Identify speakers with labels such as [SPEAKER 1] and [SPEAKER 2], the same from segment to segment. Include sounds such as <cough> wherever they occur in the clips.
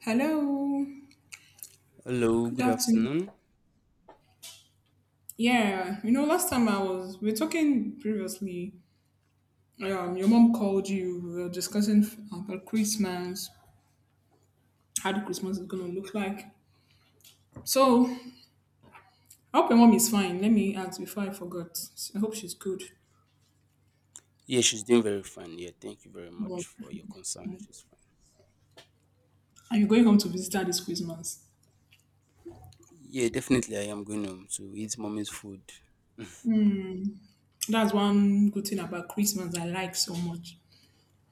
[SPEAKER 1] Hello.
[SPEAKER 2] Hello,
[SPEAKER 1] Good
[SPEAKER 2] good
[SPEAKER 1] afternoon.
[SPEAKER 2] afternoon.
[SPEAKER 1] Yeah, you know, last time I was we were talking previously. Your mom called you. We were discussing about Christmas, how the Christmas is gonna look like. So I hope your mom is fine. Let me ask before I forgot. I hope she's good.
[SPEAKER 2] Yeah, she's doing very fine. Yeah, thank you very much
[SPEAKER 1] Well,
[SPEAKER 2] for your concern. She's fine.
[SPEAKER 1] are you going home to visit her this Christmas?
[SPEAKER 2] Yeah, definitely, I am going home to eat mommy's food.
[SPEAKER 1] That's one good thing about Christmas I like so much.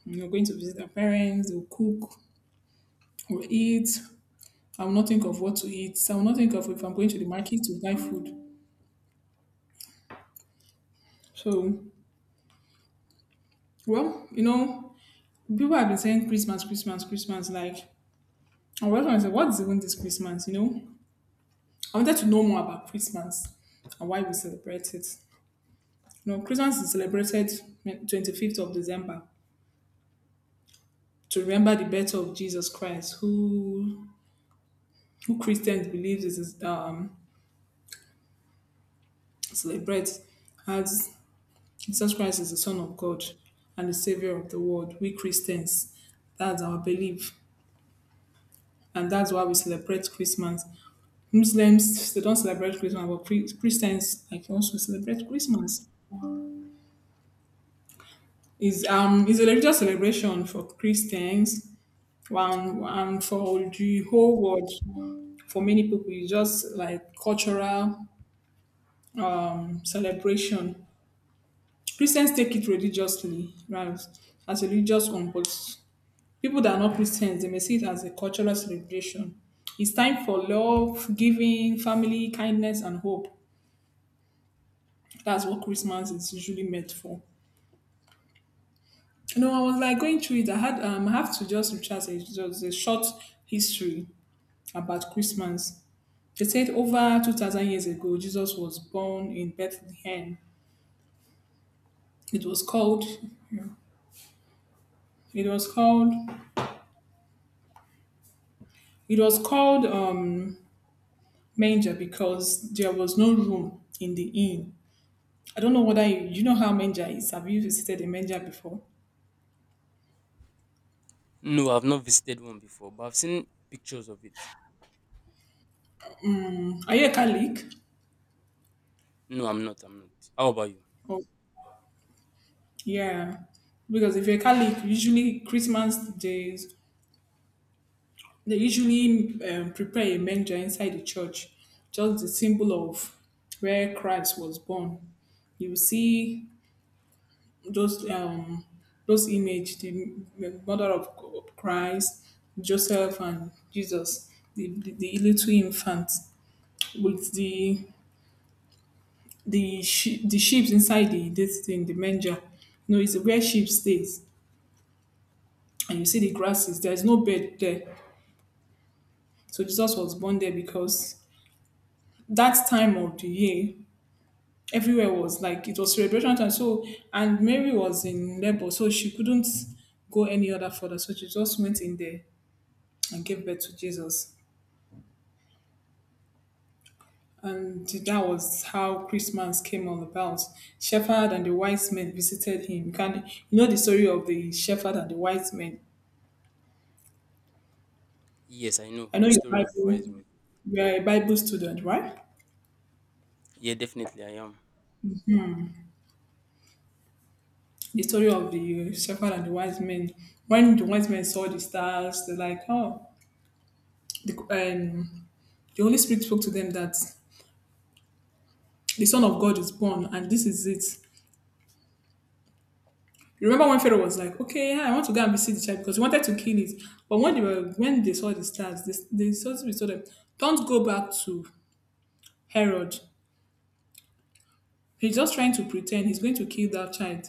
[SPEAKER 1] You're going to visit our parents, they'll cook, we'll eat. I will not think of what to eat. I will not think of if I'm going to the market to buy food. So, well, you know, people have been saying Christmas, Christmas, Christmas. Like, I was going to say, what is even this Christmas? You know, I wanted to know more about Christmas and why we celebrate it. You know, Christmas is celebrated 25th of December to remember the birth of Jesus Christ, who Christians believe is celebrate as Jesus Christ is the Son of God and the Savior of the world. We Christians, that's our belief, and that's why we celebrate Christmas. Muslims they don't celebrate Christmas, but Christians like also celebrate Christmas. It's it's a religious celebration for Christians. One and for the whole world, for many people, it's just like cultural celebration. Christians take it religiously, right? As a religious one, but people that are not Christians, they may see it as a cultural celebration. It's time for love, giving, family, kindness, and hope. That's what Christmas is usually meant for. No, I was like going through it. I have to just recharge a, just a short history about Christmas. They said over 2,000 years ago, Jesus was born in Bethlehem. It was called, it was called, it was called manger because there was no room in the inn. I don't know whether you, you know how manger is. Have you visited a manger before?
[SPEAKER 2] No, I've not visited one before, but I've seen pictures of it.
[SPEAKER 1] Are you a Catholic?
[SPEAKER 2] No, I'm not. I'm not. How about you?
[SPEAKER 1] Oh, yeah. Because if you're a Catholic, usually Christmas days they usually prepare a manger inside the church, just the symbol of where Christ was born. You see those um, those image, the mother of Christ, Joseph, and Jesus, the little infant with the the sheep inside the this thing, the manger. You know, it's where sheep stays, and you see the grasses. There is no bed there, so Jesus was born there because that time of the year everywhere was like it was celebration time. So and Mary was in labor, so she couldn't go any other further. So she just went in there and gave birth to Jesus. And that was how Christmas came all about. Shepherd and the wise men visited him. You know the story of the shepherd and the wise men.
[SPEAKER 2] Yes, I know
[SPEAKER 1] I know
[SPEAKER 2] the
[SPEAKER 1] your
[SPEAKER 2] story of the wise
[SPEAKER 1] Bible
[SPEAKER 2] men.
[SPEAKER 1] you're a Bible student, right?
[SPEAKER 2] Yeah, definitely, I am.
[SPEAKER 1] The story of the shepherd and the wise men. When the wise men saw the stars, they're like, oh, the, um, the Holy Spirit spoke to them that the Son of God is born, and this is it. You remember when Pharaoh was like, "Okay, yeah, I want to go and visit the child because he wanted to kill it." But when they saw the stars, they saw they told them, "Don't go back to Herod. He's just trying to pretend he's going to kill that child."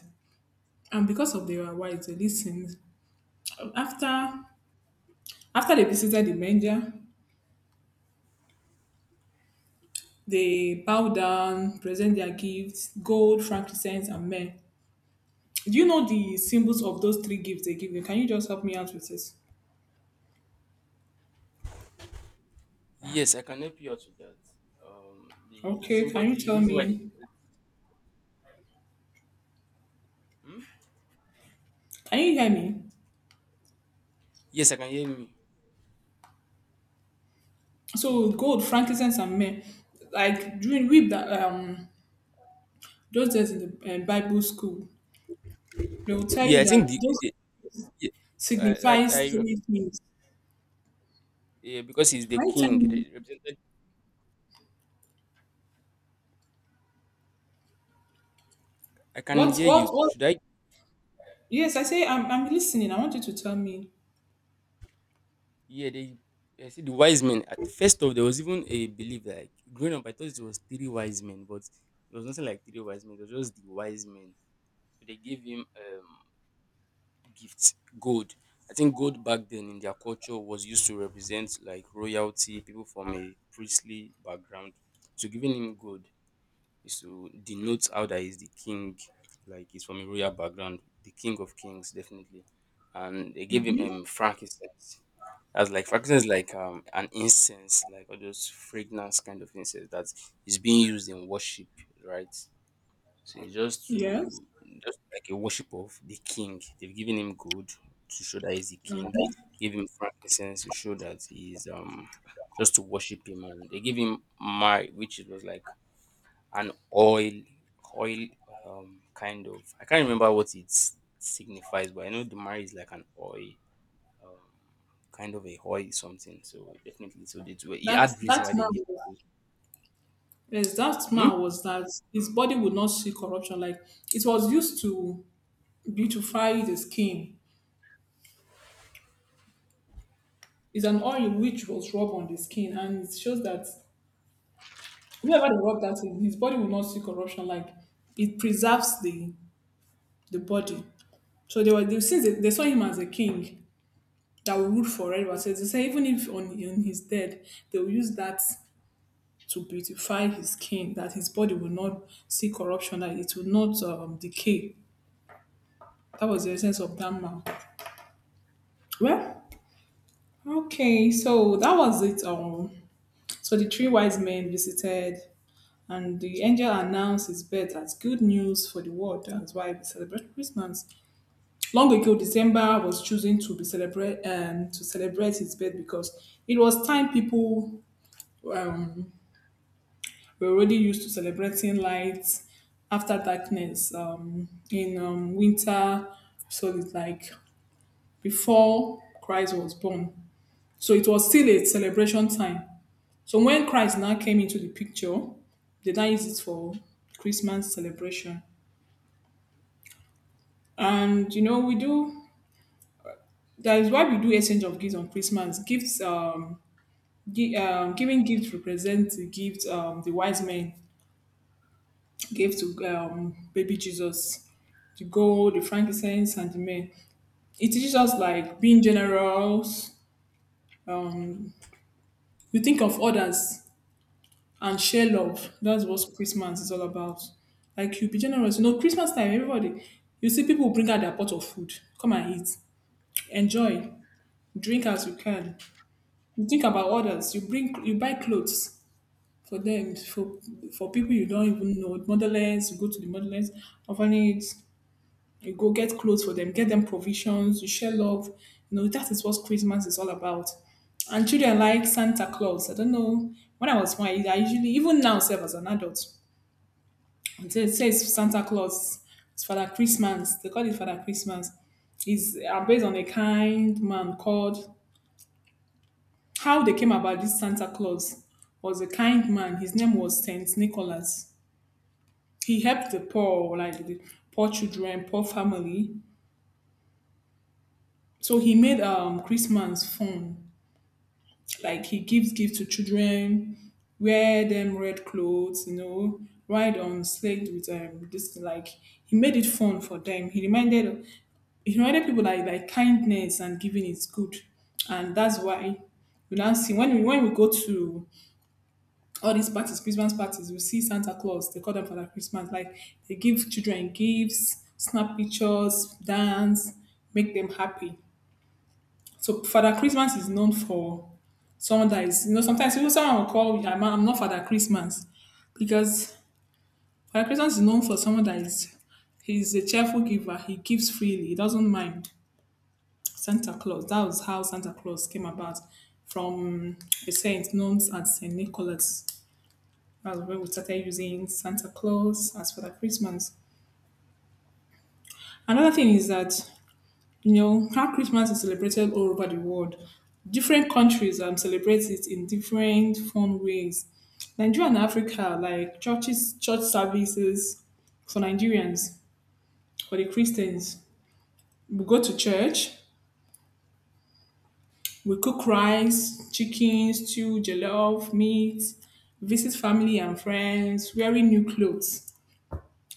[SPEAKER 1] And because of they were wise, they listened. After after they visited the manger, they bow down, present their gifts, gold, frankincense, and myrrh. Do you know the symbols of those three gifts they give you? Can you just help me out with this?
[SPEAKER 2] Yes, I can help you out with that. The
[SPEAKER 1] Okay,
[SPEAKER 2] symbol,
[SPEAKER 1] can you
[SPEAKER 2] the
[SPEAKER 1] tell
[SPEAKER 2] reason why they.
[SPEAKER 1] me
[SPEAKER 2] Hmm?
[SPEAKER 1] can you hear me?
[SPEAKER 2] Yes, I can hear me.
[SPEAKER 1] So gold, frankincense, and myrrh, like during we that those days in the Bible school, they will tell
[SPEAKER 2] Yeah,
[SPEAKER 1] you
[SPEAKER 2] I
[SPEAKER 1] that
[SPEAKER 2] think the,
[SPEAKER 1] those
[SPEAKER 2] the yeah, I, I,
[SPEAKER 1] signifies
[SPEAKER 2] I
[SPEAKER 1] three things.
[SPEAKER 2] yeah, because he's
[SPEAKER 1] Can
[SPEAKER 2] the
[SPEAKER 1] you tell
[SPEAKER 2] king.
[SPEAKER 1] me
[SPEAKER 2] I can
[SPEAKER 1] what
[SPEAKER 2] hear
[SPEAKER 1] what
[SPEAKER 2] you.
[SPEAKER 1] what?
[SPEAKER 2] Should I?
[SPEAKER 1] Yes, I say I'm listening. I want you to tell me.
[SPEAKER 2] Yeah, they I see the wise men. At first off, there was even a belief that, like, growing up, I thought it was three wise men, but it was nothing like three wise men. It was just the wise men. So they gave him gifts, gold. I think gold back then in their culture was used to represent like royalty, people from a priestly background. So giving him gold is to denote how that he's the king, like he's from a royal background, the king of kings, definitely. And they gave him frankincense. That's like fragrance, is like an incense, like all those fragrance kind of incense that is being used in worship, right? So it's
[SPEAKER 1] Yes.
[SPEAKER 2] just like a worship of the king. They've given him gold to show that he's the king.
[SPEAKER 1] Okay.
[SPEAKER 2] Give him frankincense to show that he's, just to worship him, and they give him which it was like an oil, kind of. I can't remember what it signifies, but I know the myrrh is like an oil, um, kind of a hoy something. So definitely, so they do. It
[SPEAKER 1] That
[SPEAKER 2] had reason
[SPEAKER 1] that
[SPEAKER 2] why they give.
[SPEAKER 1] man. Yes, that
[SPEAKER 2] Hmm?
[SPEAKER 1] man was that his body would not see corruption. Like it was used to beautify the skin. It's an oil which was rubbed on the skin, and it shows that whoever they rub that in, his body will not see corruption. Like it preserves the body. So they, they saw him as a king that will rule for everyone. So they say even if on his dead, they will use that to beautify his skin, that his body will not see corruption, that it will not decay. That was the essence of that man. Well, okay, so that was it. So the three wise men visited, and the angel announced his birth as good news for the world. That's why we celebrate Christmas. Long ago, December was chosen to be celebrate to celebrate his birth because it was time people um, were already used to celebrating light after darkness in winter. So it's like before Christ was born. So it was still a celebration time. So when Christ now came into the picture, they now use it for Christmas celebration. And you know, we do that is why we do exchange of gifts on Christmas. Giving gift represents the gift the wise men gave to baby Jesus, the gold, the frankincense, and the myrrh. It teaches us like being generous. Um, you think of others and share love. That's what Christmas is all about. Like you be generous. You know, Christmas time, everybody. You see people bring out their pot of food. Come and eat, enjoy, drink as you can. You think about others. You buy clothes for them for people you don't even know motherless you go to the motherless orphanage you go get clothes for them get them provisions you share love you know that is what Christmas is all about and children like Santa Claus I don't know when I was small I usually even now self as an adult until it says Santa Claus it's Father Christmas they call it Father Christmas is based on a kind man called how they came about this Santa Claus was a kind man his name was Saint Nicholas he helped the poor, like the poor children, poor family. So he made Christmas fun. Like he gives gifts to children, wear them red clothes, you know, ride on sled with this like he made it fun for them. He reminded people like kindness and giving is good, and that's why we now see when we go to all these parties, Christmas parties, you see Santa Claus. They call them Father Christmas. Like they give children gifts, snap pictures, dance, make them happy. So Father Christmas is known for someone that is, you know, sometimes people someone will call me, I'm not Father Christmas because Father Christmas is known for someone that is, he's a cheerful giver. He gives freely. He doesn't mind Santa Claus. That was how Santa Claus came about from a saint known as Saint Nicholas. That's when we started using Santa Claus as for the Christmas. Another thing is that you know how Christmas is celebrated all over the world. Different countries celebrate it in different fun ways. Nigeria and Africa, like churches, church services for Nigerians, for the Christians, we go to church, we cook rice, chicken, stew, jollof, meat, visit family and friends, wearing new clothes.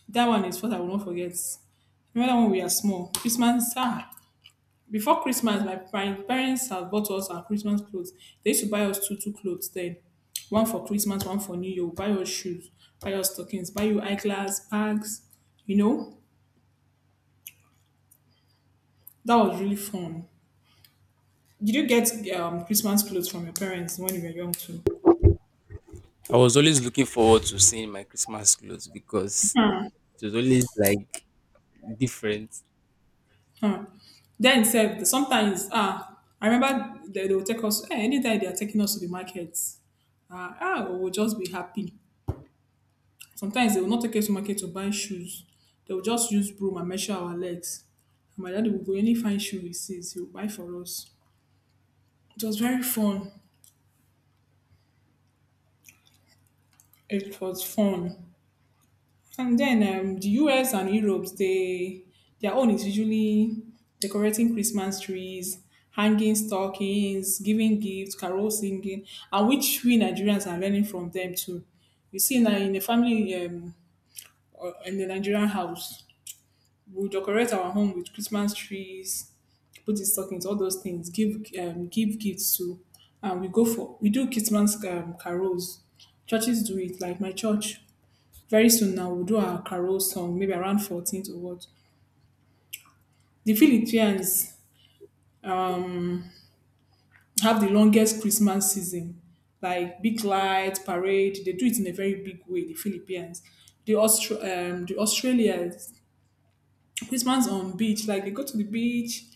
[SPEAKER 1] That one is what I will not forget. Remember when we were small, Christmas, ah, before Christmas, my parents have bought us our Christmas clothes. They used to buy us two, two clothes then. One for Christmas, one for New Year. Buy us shoes, buy us stockings, buy you eyeglass, bags. You know, that was really fun. Did you get Christmas clothes from your parents when you were young too?
[SPEAKER 2] I was always looking forward to seeing my Christmas clothes because it was always like different.
[SPEAKER 1] Huh. Then said sometimes ah, I remember they will take us. Eh, anytime they are taking us to the markets, ah, ah, we will just be happy. Sometimes they will not take us to market to buy shoes. They will just use broom and measure our legs. And my daddy will go any fine shoe he sees, he will buy for us. It was very fun. It was fun. And then the US and Europe, they their own is usually decorating Christmas trees, hanging stockings, giving gifts, carol singing, and which we Nigerians are learning from them too. You see, now in a family or in the Nigerian house, we'll decorate our home with Christmas trees, put the stockings, all those things. Give gifts too, and we go for we do Christmas carols. Churches do it, like my church. Very soon now, we'll do our carol song, maybe around 14th or what. The Philippines um, have the longest Christmas season, like big lights, parade. They do it in a very big way. The Philippines, the Australians, Christmas on beach. Like they go to the beach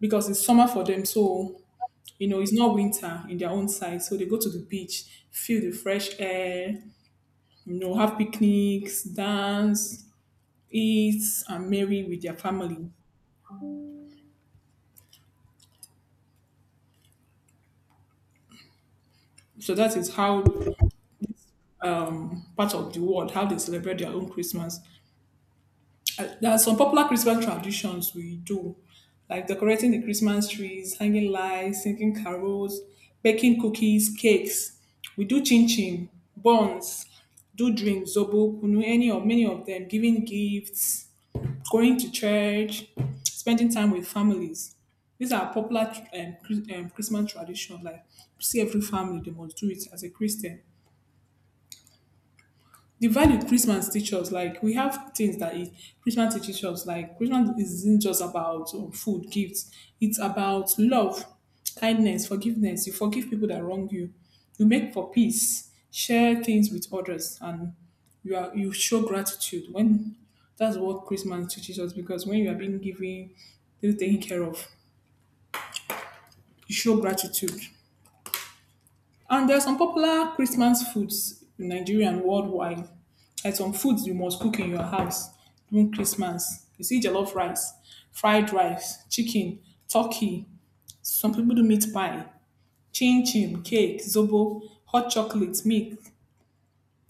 [SPEAKER 1] because it's summer for them, so it's not winter in their own side, so they go to the beach, feel the fresh air, have picnics, dance, eat, and merry with their family. So that is how part of the world how they celebrate their own Christmas. There are some popular Christmas traditions we do, like decorating the Christmas trees, hanging lights, singing carols, baking cookies, cakes. We do chin chin, buns, do drinks, zobo, kunu, any or many of them, giving gifts, going to church, spending time with families. These are popular Christmas traditions. Like see every family, they must do it as a Christian, the value Christmas teaches, like we have things that it, Christmas teaches us, like Christmas isn't just about food, gifts. It's about love, kindness, forgiveness. You forgive people that wrong you. You make for peace. Share things with others, and you show gratitude. When that's what Christmas teaches us, because when you are being given, still taken care of, you show gratitude. And there are some popular Christmas foods in Nigeria and worldwide. Like some foods you must cook in your house during Christmas. You see jollof rice, fried rice, chicken, turkey. Some people do meat pie, chin chin, cake, zobo, hot chocolate, milk.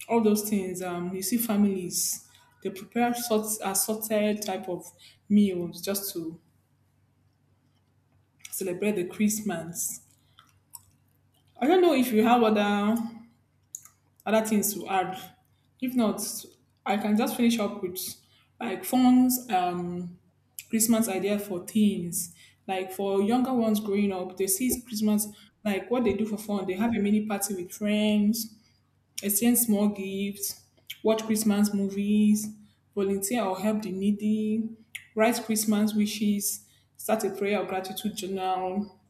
[SPEAKER 1] All those things. You see families they prepare sort assorted type of meals just to celebrate the Christmas. I don't know if you have other things to add. If not, I can just finish up with like fun's Christmas idea for teens. Like for younger ones growing up, they see Christmas like what they do for fun. They have a mini party with friends, exchange small gifts, watch Christmas movies, volunteer or help the needy, write Christmas wishes, start a prayer or gratitude journal,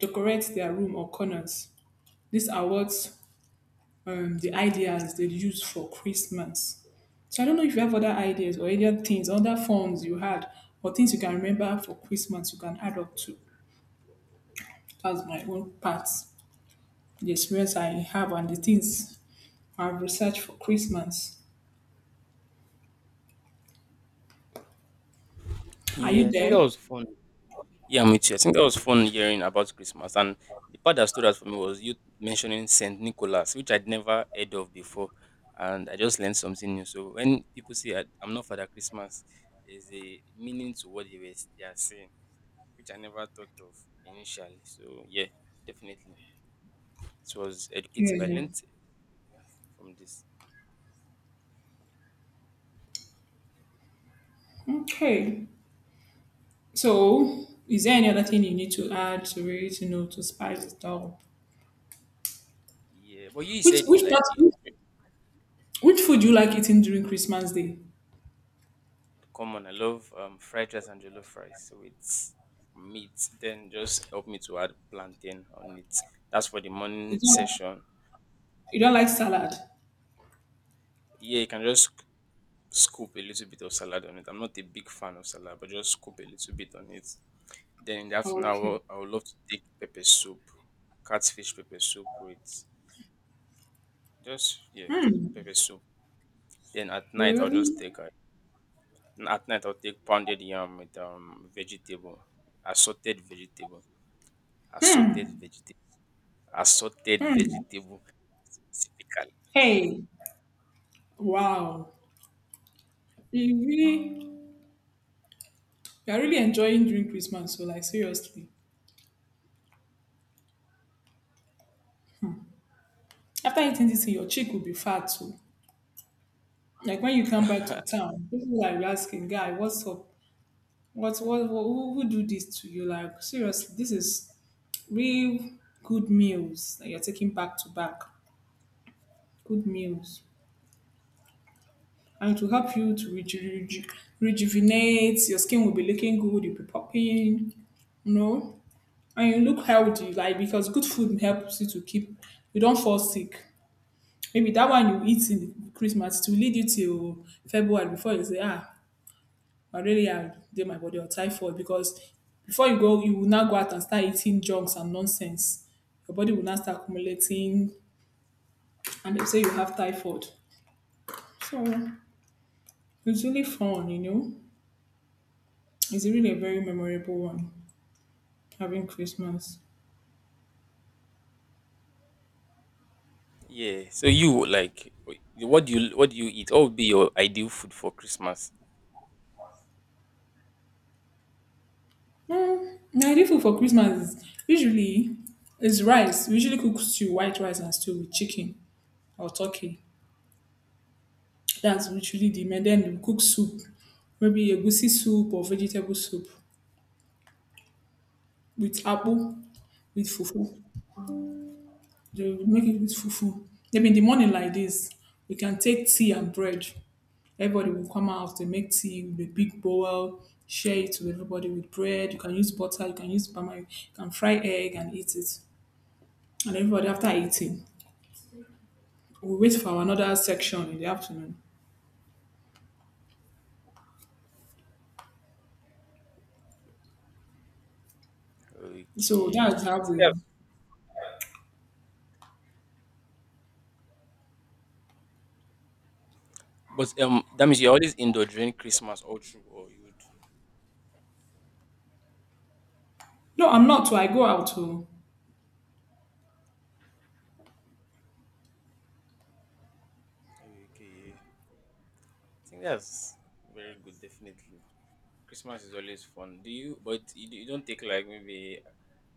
[SPEAKER 1] decorate their room or corners. These are what the ideas they use for Christmas. So I don't know if you have other ideas or other things, other forms you had, or things you can remember for Christmas you can add up to. That's my own part, the experience I have and the things I've researched for Christmas. Are
[SPEAKER 2] Yeah,
[SPEAKER 1] you
[SPEAKER 2] I think that
[SPEAKER 1] there?
[SPEAKER 2] was fun. Yeah, me too. I think that was fun hearing about Christmas. And the part that stood out for me was you mentioning Saint Nicholas, which I'd never heard of before. And I just learned something new. So when people say I'm not Father Christmas, there's a meaning to what they are saying, which I never thought of initially. So yeah, definitely it was educative. I
[SPEAKER 1] Yeah.
[SPEAKER 2] learned from this.
[SPEAKER 1] Okay. So is there any other thing you need to add to it, you know, to spice it up?
[SPEAKER 2] Yeah, but you
[SPEAKER 1] Which
[SPEAKER 2] said
[SPEAKER 1] which part, which, which food do you like eating during Christmas Day?
[SPEAKER 2] come on. I love fried rice and jollof rice. So it's meat. Then just help me to add plantain on it. That's for the morning
[SPEAKER 1] You don't,
[SPEAKER 2] session.
[SPEAKER 1] you don't like salad?
[SPEAKER 2] Yeah, you can just scoop a little bit of salad on it. I'm not a big fan of salad, but just scoop a little bit on it. Then in the afternoon, I
[SPEAKER 1] Okay.
[SPEAKER 2] will, I would love to take pepper soup, catfish pepper soup with, just yeah, pepper soup. Then at
[SPEAKER 1] You
[SPEAKER 2] night I'll just
[SPEAKER 1] really?
[SPEAKER 2] take a, at night I'll take pounded yam with vegetable, assorted vegetable, assorted
[SPEAKER 1] Hmm.
[SPEAKER 2] vegetable, assorted
[SPEAKER 1] Hmm.
[SPEAKER 2] vegetable specifically.
[SPEAKER 1] Hey. Wow. You really, you are really enjoying during Christmas. So, like, seriously, after eating this, thing, your cheek will be fat too. Like when you come back to town, people will be asking, "Guy, what's up? What? What? What who do this to you? Like, seriously, this is real good meals that you're taking back to back. Good meals." And it will help you to rejuvenate. Your skin will be looking good. You'll be popping. No. And you look healthy, like, because good food helps you to keep, you don't fall sick, maybe that one you eat in Christmas to lead you till February, before you say ah, malaria dey my body or typhoid. Because before you go you will now go out and start eating junks and nonsense, your body will now start accumulating and they say you have typhoid. So it's really fun. It's really a very memorable one, having Christmas.
[SPEAKER 2] Yeah. So you like wait, what do you eat? What would be your ideal food for Christmas?
[SPEAKER 1] Mm, Nigerian food for Christmas is usually, is rice. We usually cook stew, white rice and stew with chicken or turkey. That's usually the main. Then we cook soup, maybe a goosey soup or vegetable soup with apple, with fufu. They will make it with fufu. Maybe in the morning like this, we can take tea and bread. Everybody will come out, they make tea with a big bowl, share it with everybody with bread. You can use butter, you can use palm oil, you can fry egg and eat it. And everybody after eating, we wait for another section in the afternoon. So that's
[SPEAKER 2] Okay. I
[SPEAKER 1] how
[SPEAKER 2] think
[SPEAKER 1] we.
[SPEAKER 2] that's but that means you're always indoor during Christmas all through, or you would.
[SPEAKER 1] No, I'm not. Too. I go out to.
[SPEAKER 2] Okay. I think that's very good, definitely. Christmas is always fun. Do you? But you don't take like maybe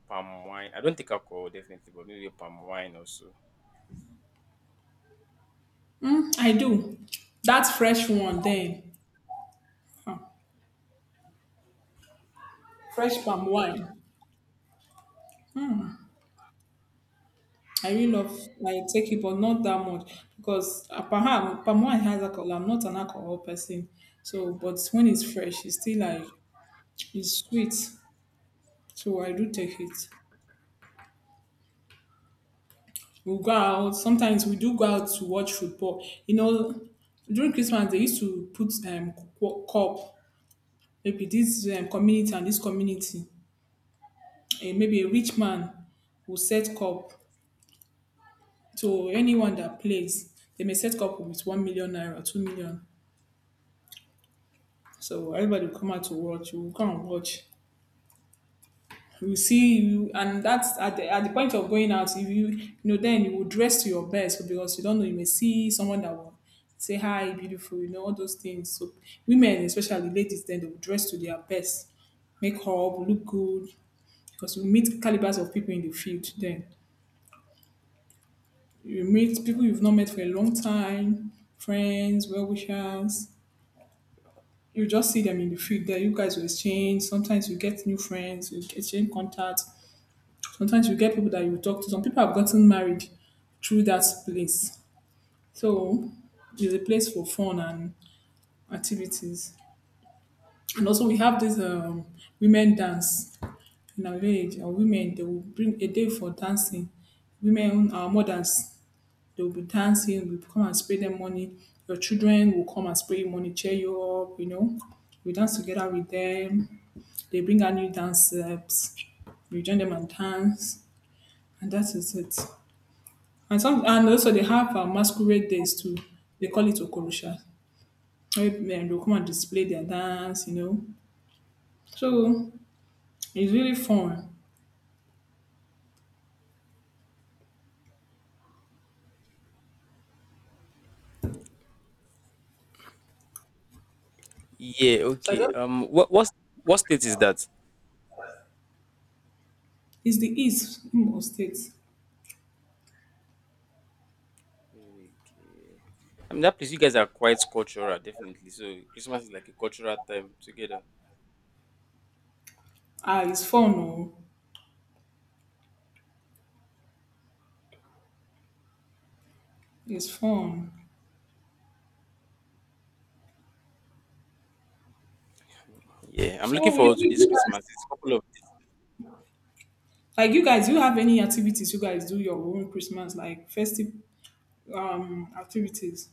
[SPEAKER 2] palm wine. I don't take alcohol, definitely, but maybe palm wine also.
[SPEAKER 1] Mm, I do. That's fresh one then, fresh palm wine. I really love. I take it, but not that much because perhaps palm wine has alcohol. I'm not an alcohol person, so but when it's fresh, it's still like it's sweet. So I do take it. We go out. Sometimes we do go out to watch football. You know, during Christmas they used to put cup, maybe this community and this community, eh, maybe a rich man will set cup to anyone that plays. They may set cup with 1 million naira, 2 million. So everybody will come out to watch. You will come and watch. You will see you, and that's at the point of going out. If you, then you will dress to your best because you don't know. You may see someone that will say hi, beautiful. You know all those things. So women, especially ladies, then they will dress to their best, make up, look good, because we meet calibers of people in the field then. You meet people you've not met for a long time, friends, well wishers. You just see them in the field there. You guys will exchange. Sometimes you get new friends, you exchange contacts. Sometimes you get people that you talk to. Some people have gotten married through that place. So it's a place for fun and activities. And also we have this women dance in our village. Our women, they will bring a day for dancing. Women, our mothers, they will be dancing, we come and spray them money. Your children will come and spray you money, cheer you up, you know. We dance together with them. They bring out new dance steps. We join them and dance, and that is it. And also they have masquerade days too. They call it Okorosha. Where men will come and display their dance, you know. So it's really fun.
[SPEAKER 2] Yeah, okay. What state is that?
[SPEAKER 1] It's the East Imo State.
[SPEAKER 2] Okay. I mean that place, you guys are quite cultural, definitely. So Christmas is like a cultural time together.
[SPEAKER 1] Ah, it's fun, oh, it's fun.
[SPEAKER 2] Yeah, I'm looking
[SPEAKER 1] So you,
[SPEAKER 2] forward to
[SPEAKER 1] you,
[SPEAKER 2] this
[SPEAKER 1] you
[SPEAKER 2] Christmas. It's a couple of.
[SPEAKER 1] Like you guys, do you have any activities you guys do your own Christmas, like festive activities?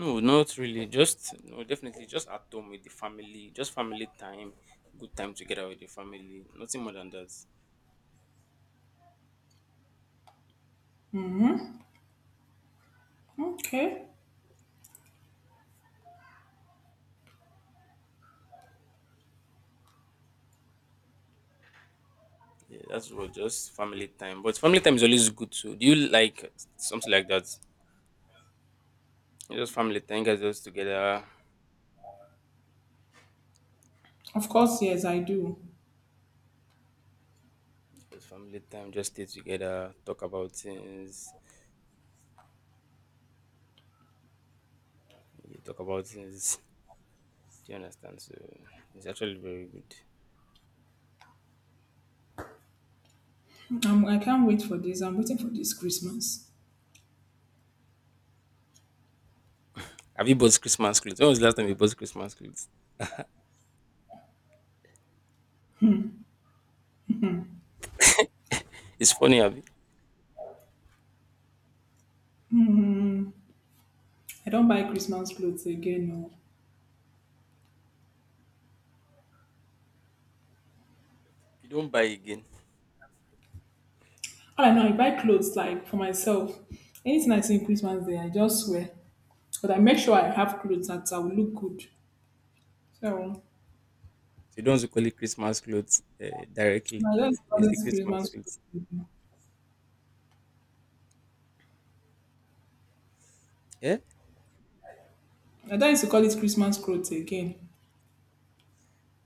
[SPEAKER 2] No, not really. Just no, definitely just at home with the family, just family time, good time together with the family. Nothing more than that.
[SPEAKER 1] Okay.
[SPEAKER 2] Yeah, that's what, just family time. But family time is always good too. Do you like something like that? Just family time, guys just together.
[SPEAKER 1] Of course, yes, I do.
[SPEAKER 2] Just family time, just stay together, talk about things. You talk about things. Do you understand? So it's actually very good.
[SPEAKER 1] I can't wait for this. I'm waiting for this Christmas.
[SPEAKER 2] Have you bought Christmas clothes? When was the last time you bought Christmas clothes? It's funny, have you?
[SPEAKER 1] I don't buy Christmas clothes again, no.
[SPEAKER 2] You don't buy again.
[SPEAKER 1] All I know, I buy clothes like for myself. Anything I see in Christmas Day, I just wear. But I make sure I have clothes that I will look good. So
[SPEAKER 2] So you don't want to call it Christmas clothes directly,
[SPEAKER 1] I just
[SPEAKER 2] but it's
[SPEAKER 1] call it
[SPEAKER 2] the Christmas
[SPEAKER 1] Christmas clothes
[SPEAKER 2] clothes.
[SPEAKER 1] again.
[SPEAKER 2] Yeah?
[SPEAKER 1] I don't used to call it Christmas clothes again.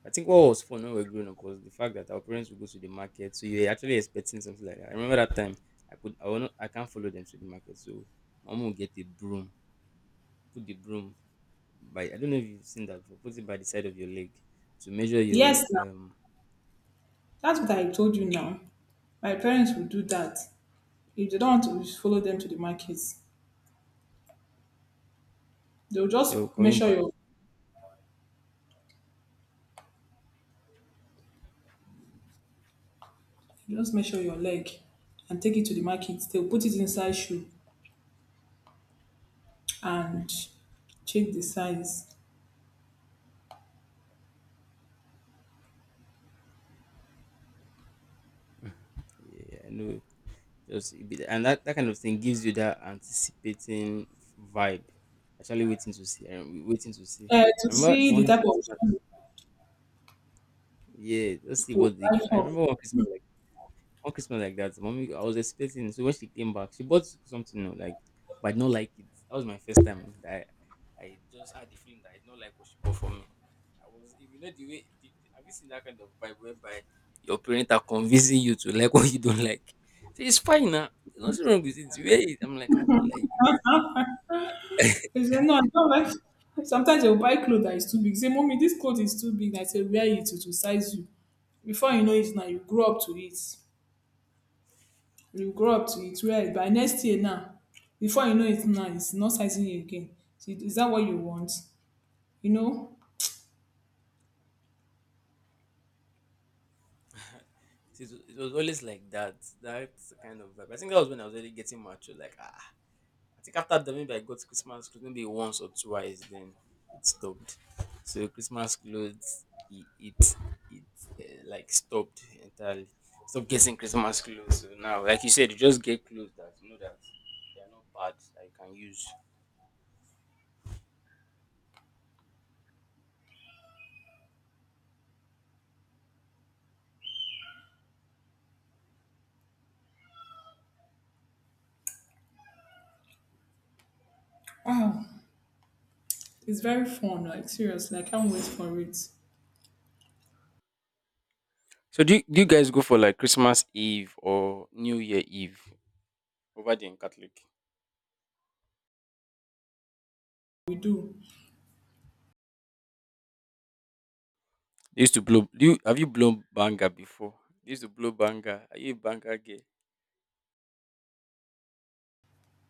[SPEAKER 2] I think what was fun when we were growing up was the fact that our parents would go to the market. So yeah, you're actually expecting something like that. I remember that time, I could I will not I can't follow them to the market. So my mom will get a broom, put the broom by, I don't know if you've seen that before, put it by the side of your leg to measure
[SPEAKER 1] Yes,
[SPEAKER 2] your. um
[SPEAKER 1] that's what I told you now. My parents will do that. If they don't want to follow them to the markets, they'll
[SPEAKER 2] so
[SPEAKER 1] just
[SPEAKER 2] coming
[SPEAKER 1] measure
[SPEAKER 2] back.
[SPEAKER 1] your, leg and take it to the market. They'll put it inside shoe and check the size.
[SPEAKER 2] Yeah, I know. And that kind of thing gives you that anticipating vibe. Actually waiting to see. Waiting to see.
[SPEAKER 1] To
[SPEAKER 2] I remember
[SPEAKER 1] see the
[SPEAKER 2] one
[SPEAKER 1] type of
[SPEAKER 2] Christmas,
[SPEAKER 1] shoe
[SPEAKER 2] yeah, let's see
[SPEAKER 1] to
[SPEAKER 2] what they
[SPEAKER 1] buy
[SPEAKER 2] got. I
[SPEAKER 1] for.
[SPEAKER 2] remember one Christmas like that. Mommy, I was expecting. So when she came back, she bought something, like, but I did not like it. That was my first time that I just had the feeling that I did not like what she bought for me. I was, if you know the way, have you seen that kind of vibe whereby your parents are convincing you to like <laughs> what you don't like? So it's fine now. There's nothing wrong with it. It's wear it. I'm like, I don't like it. <laughs>
[SPEAKER 1] They say, no, I don't like <laughs> sometimes they'll buy clothes that is too big. Say, mommy, this clothes is too big. I say, wear it to size you. Before you know it now, you grow up to it. You grow up to it well by next year now, before you know it now, it's not sizing you again. So is that what you want? You know?
[SPEAKER 2] So it was always like that kind of vibe. I think that was when I was already getting mature. Like. I think after that, maybe I got Christmas clothes maybe once or twice. Then it stopped. So Christmas clothes, it like stopped entirely. Stop getting Christmas clothes. So now, like you said, you just get clothes that you know that they are not bad that you can use.
[SPEAKER 1] Oh, it's very fun, like seriously. I can't wait for it.
[SPEAKER 2] So do you guys go for like Christmas Eve or New Year Eve over there in Catholic?
[SPEAKER 1] We do.
[SPEAKER 2] They used to blow. Do you Have you blown banger before? They used to blow banger. Are you a banger girl?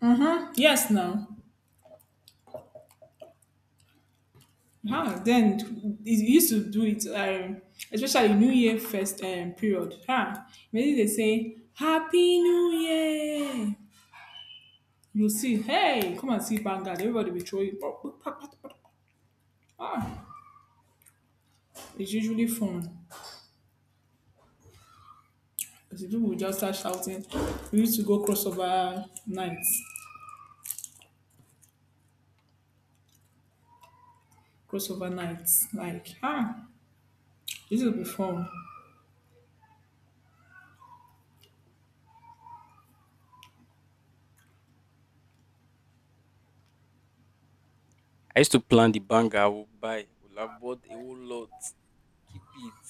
[SPEAKER 1] Mm-hmm. Yes now. Ah, then it used to do it, especially New Year first period. Ah, maybe they say Happy New Year. You see, hey, come and see Vanguard. Everybody will throw you. Ah, it's usually fun. Because if people will just start shouting, we used to go crossover nights, crossover nights. Like, ah, this will be fun.
[SPEAKER 2] I used to plan the banger I would buy. Would have bought a whole lot. Keep it.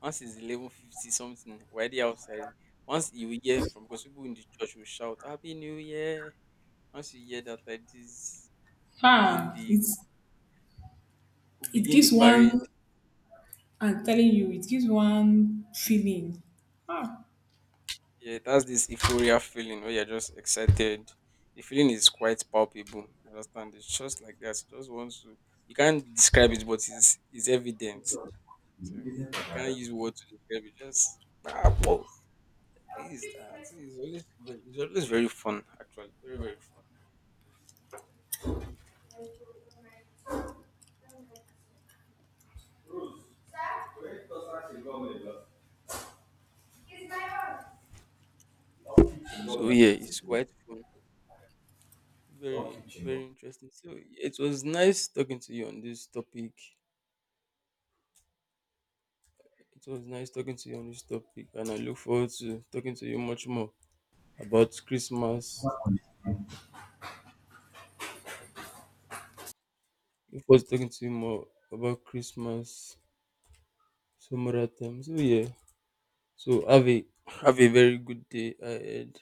[SPEAKER 2] Once it's 11:50 something, we're already outside. Once you hear from because people in the church will shout Happy New Year. Once you hear that like this, begin
[SPEAKER 1] Ah,
[SPEAKER 2] the
[SPEAKER 1] it's
[SPEAKER 2] we
[SPEAKER 1] it
[SPEAKER 2] begin the
[SPEAKER 1] gives
[SPEAKER 2] parade.
[SPEAKER 1] one. I'm telling you, it gives one feeling. Ah,
[SPEAKER 2] Yeah, that's this euphoria feeling where you're just excited. The feeling is quite palpable. You understand? It's just like that. You just want to. You can't describe it, but it's evident. So you can't use words to describe it. Just ah, this, that. So it's always very, fun, actually. Very, very fun. So yeah, it's quite fun. Very, very interesting. So it was nice talking to you on this topic. It was nice talking to you on this topic, and I look forward to talking to you much more about Christmas. Look forward to talking to you more about Christmas some other time. So yeah. So have a very good day ahead.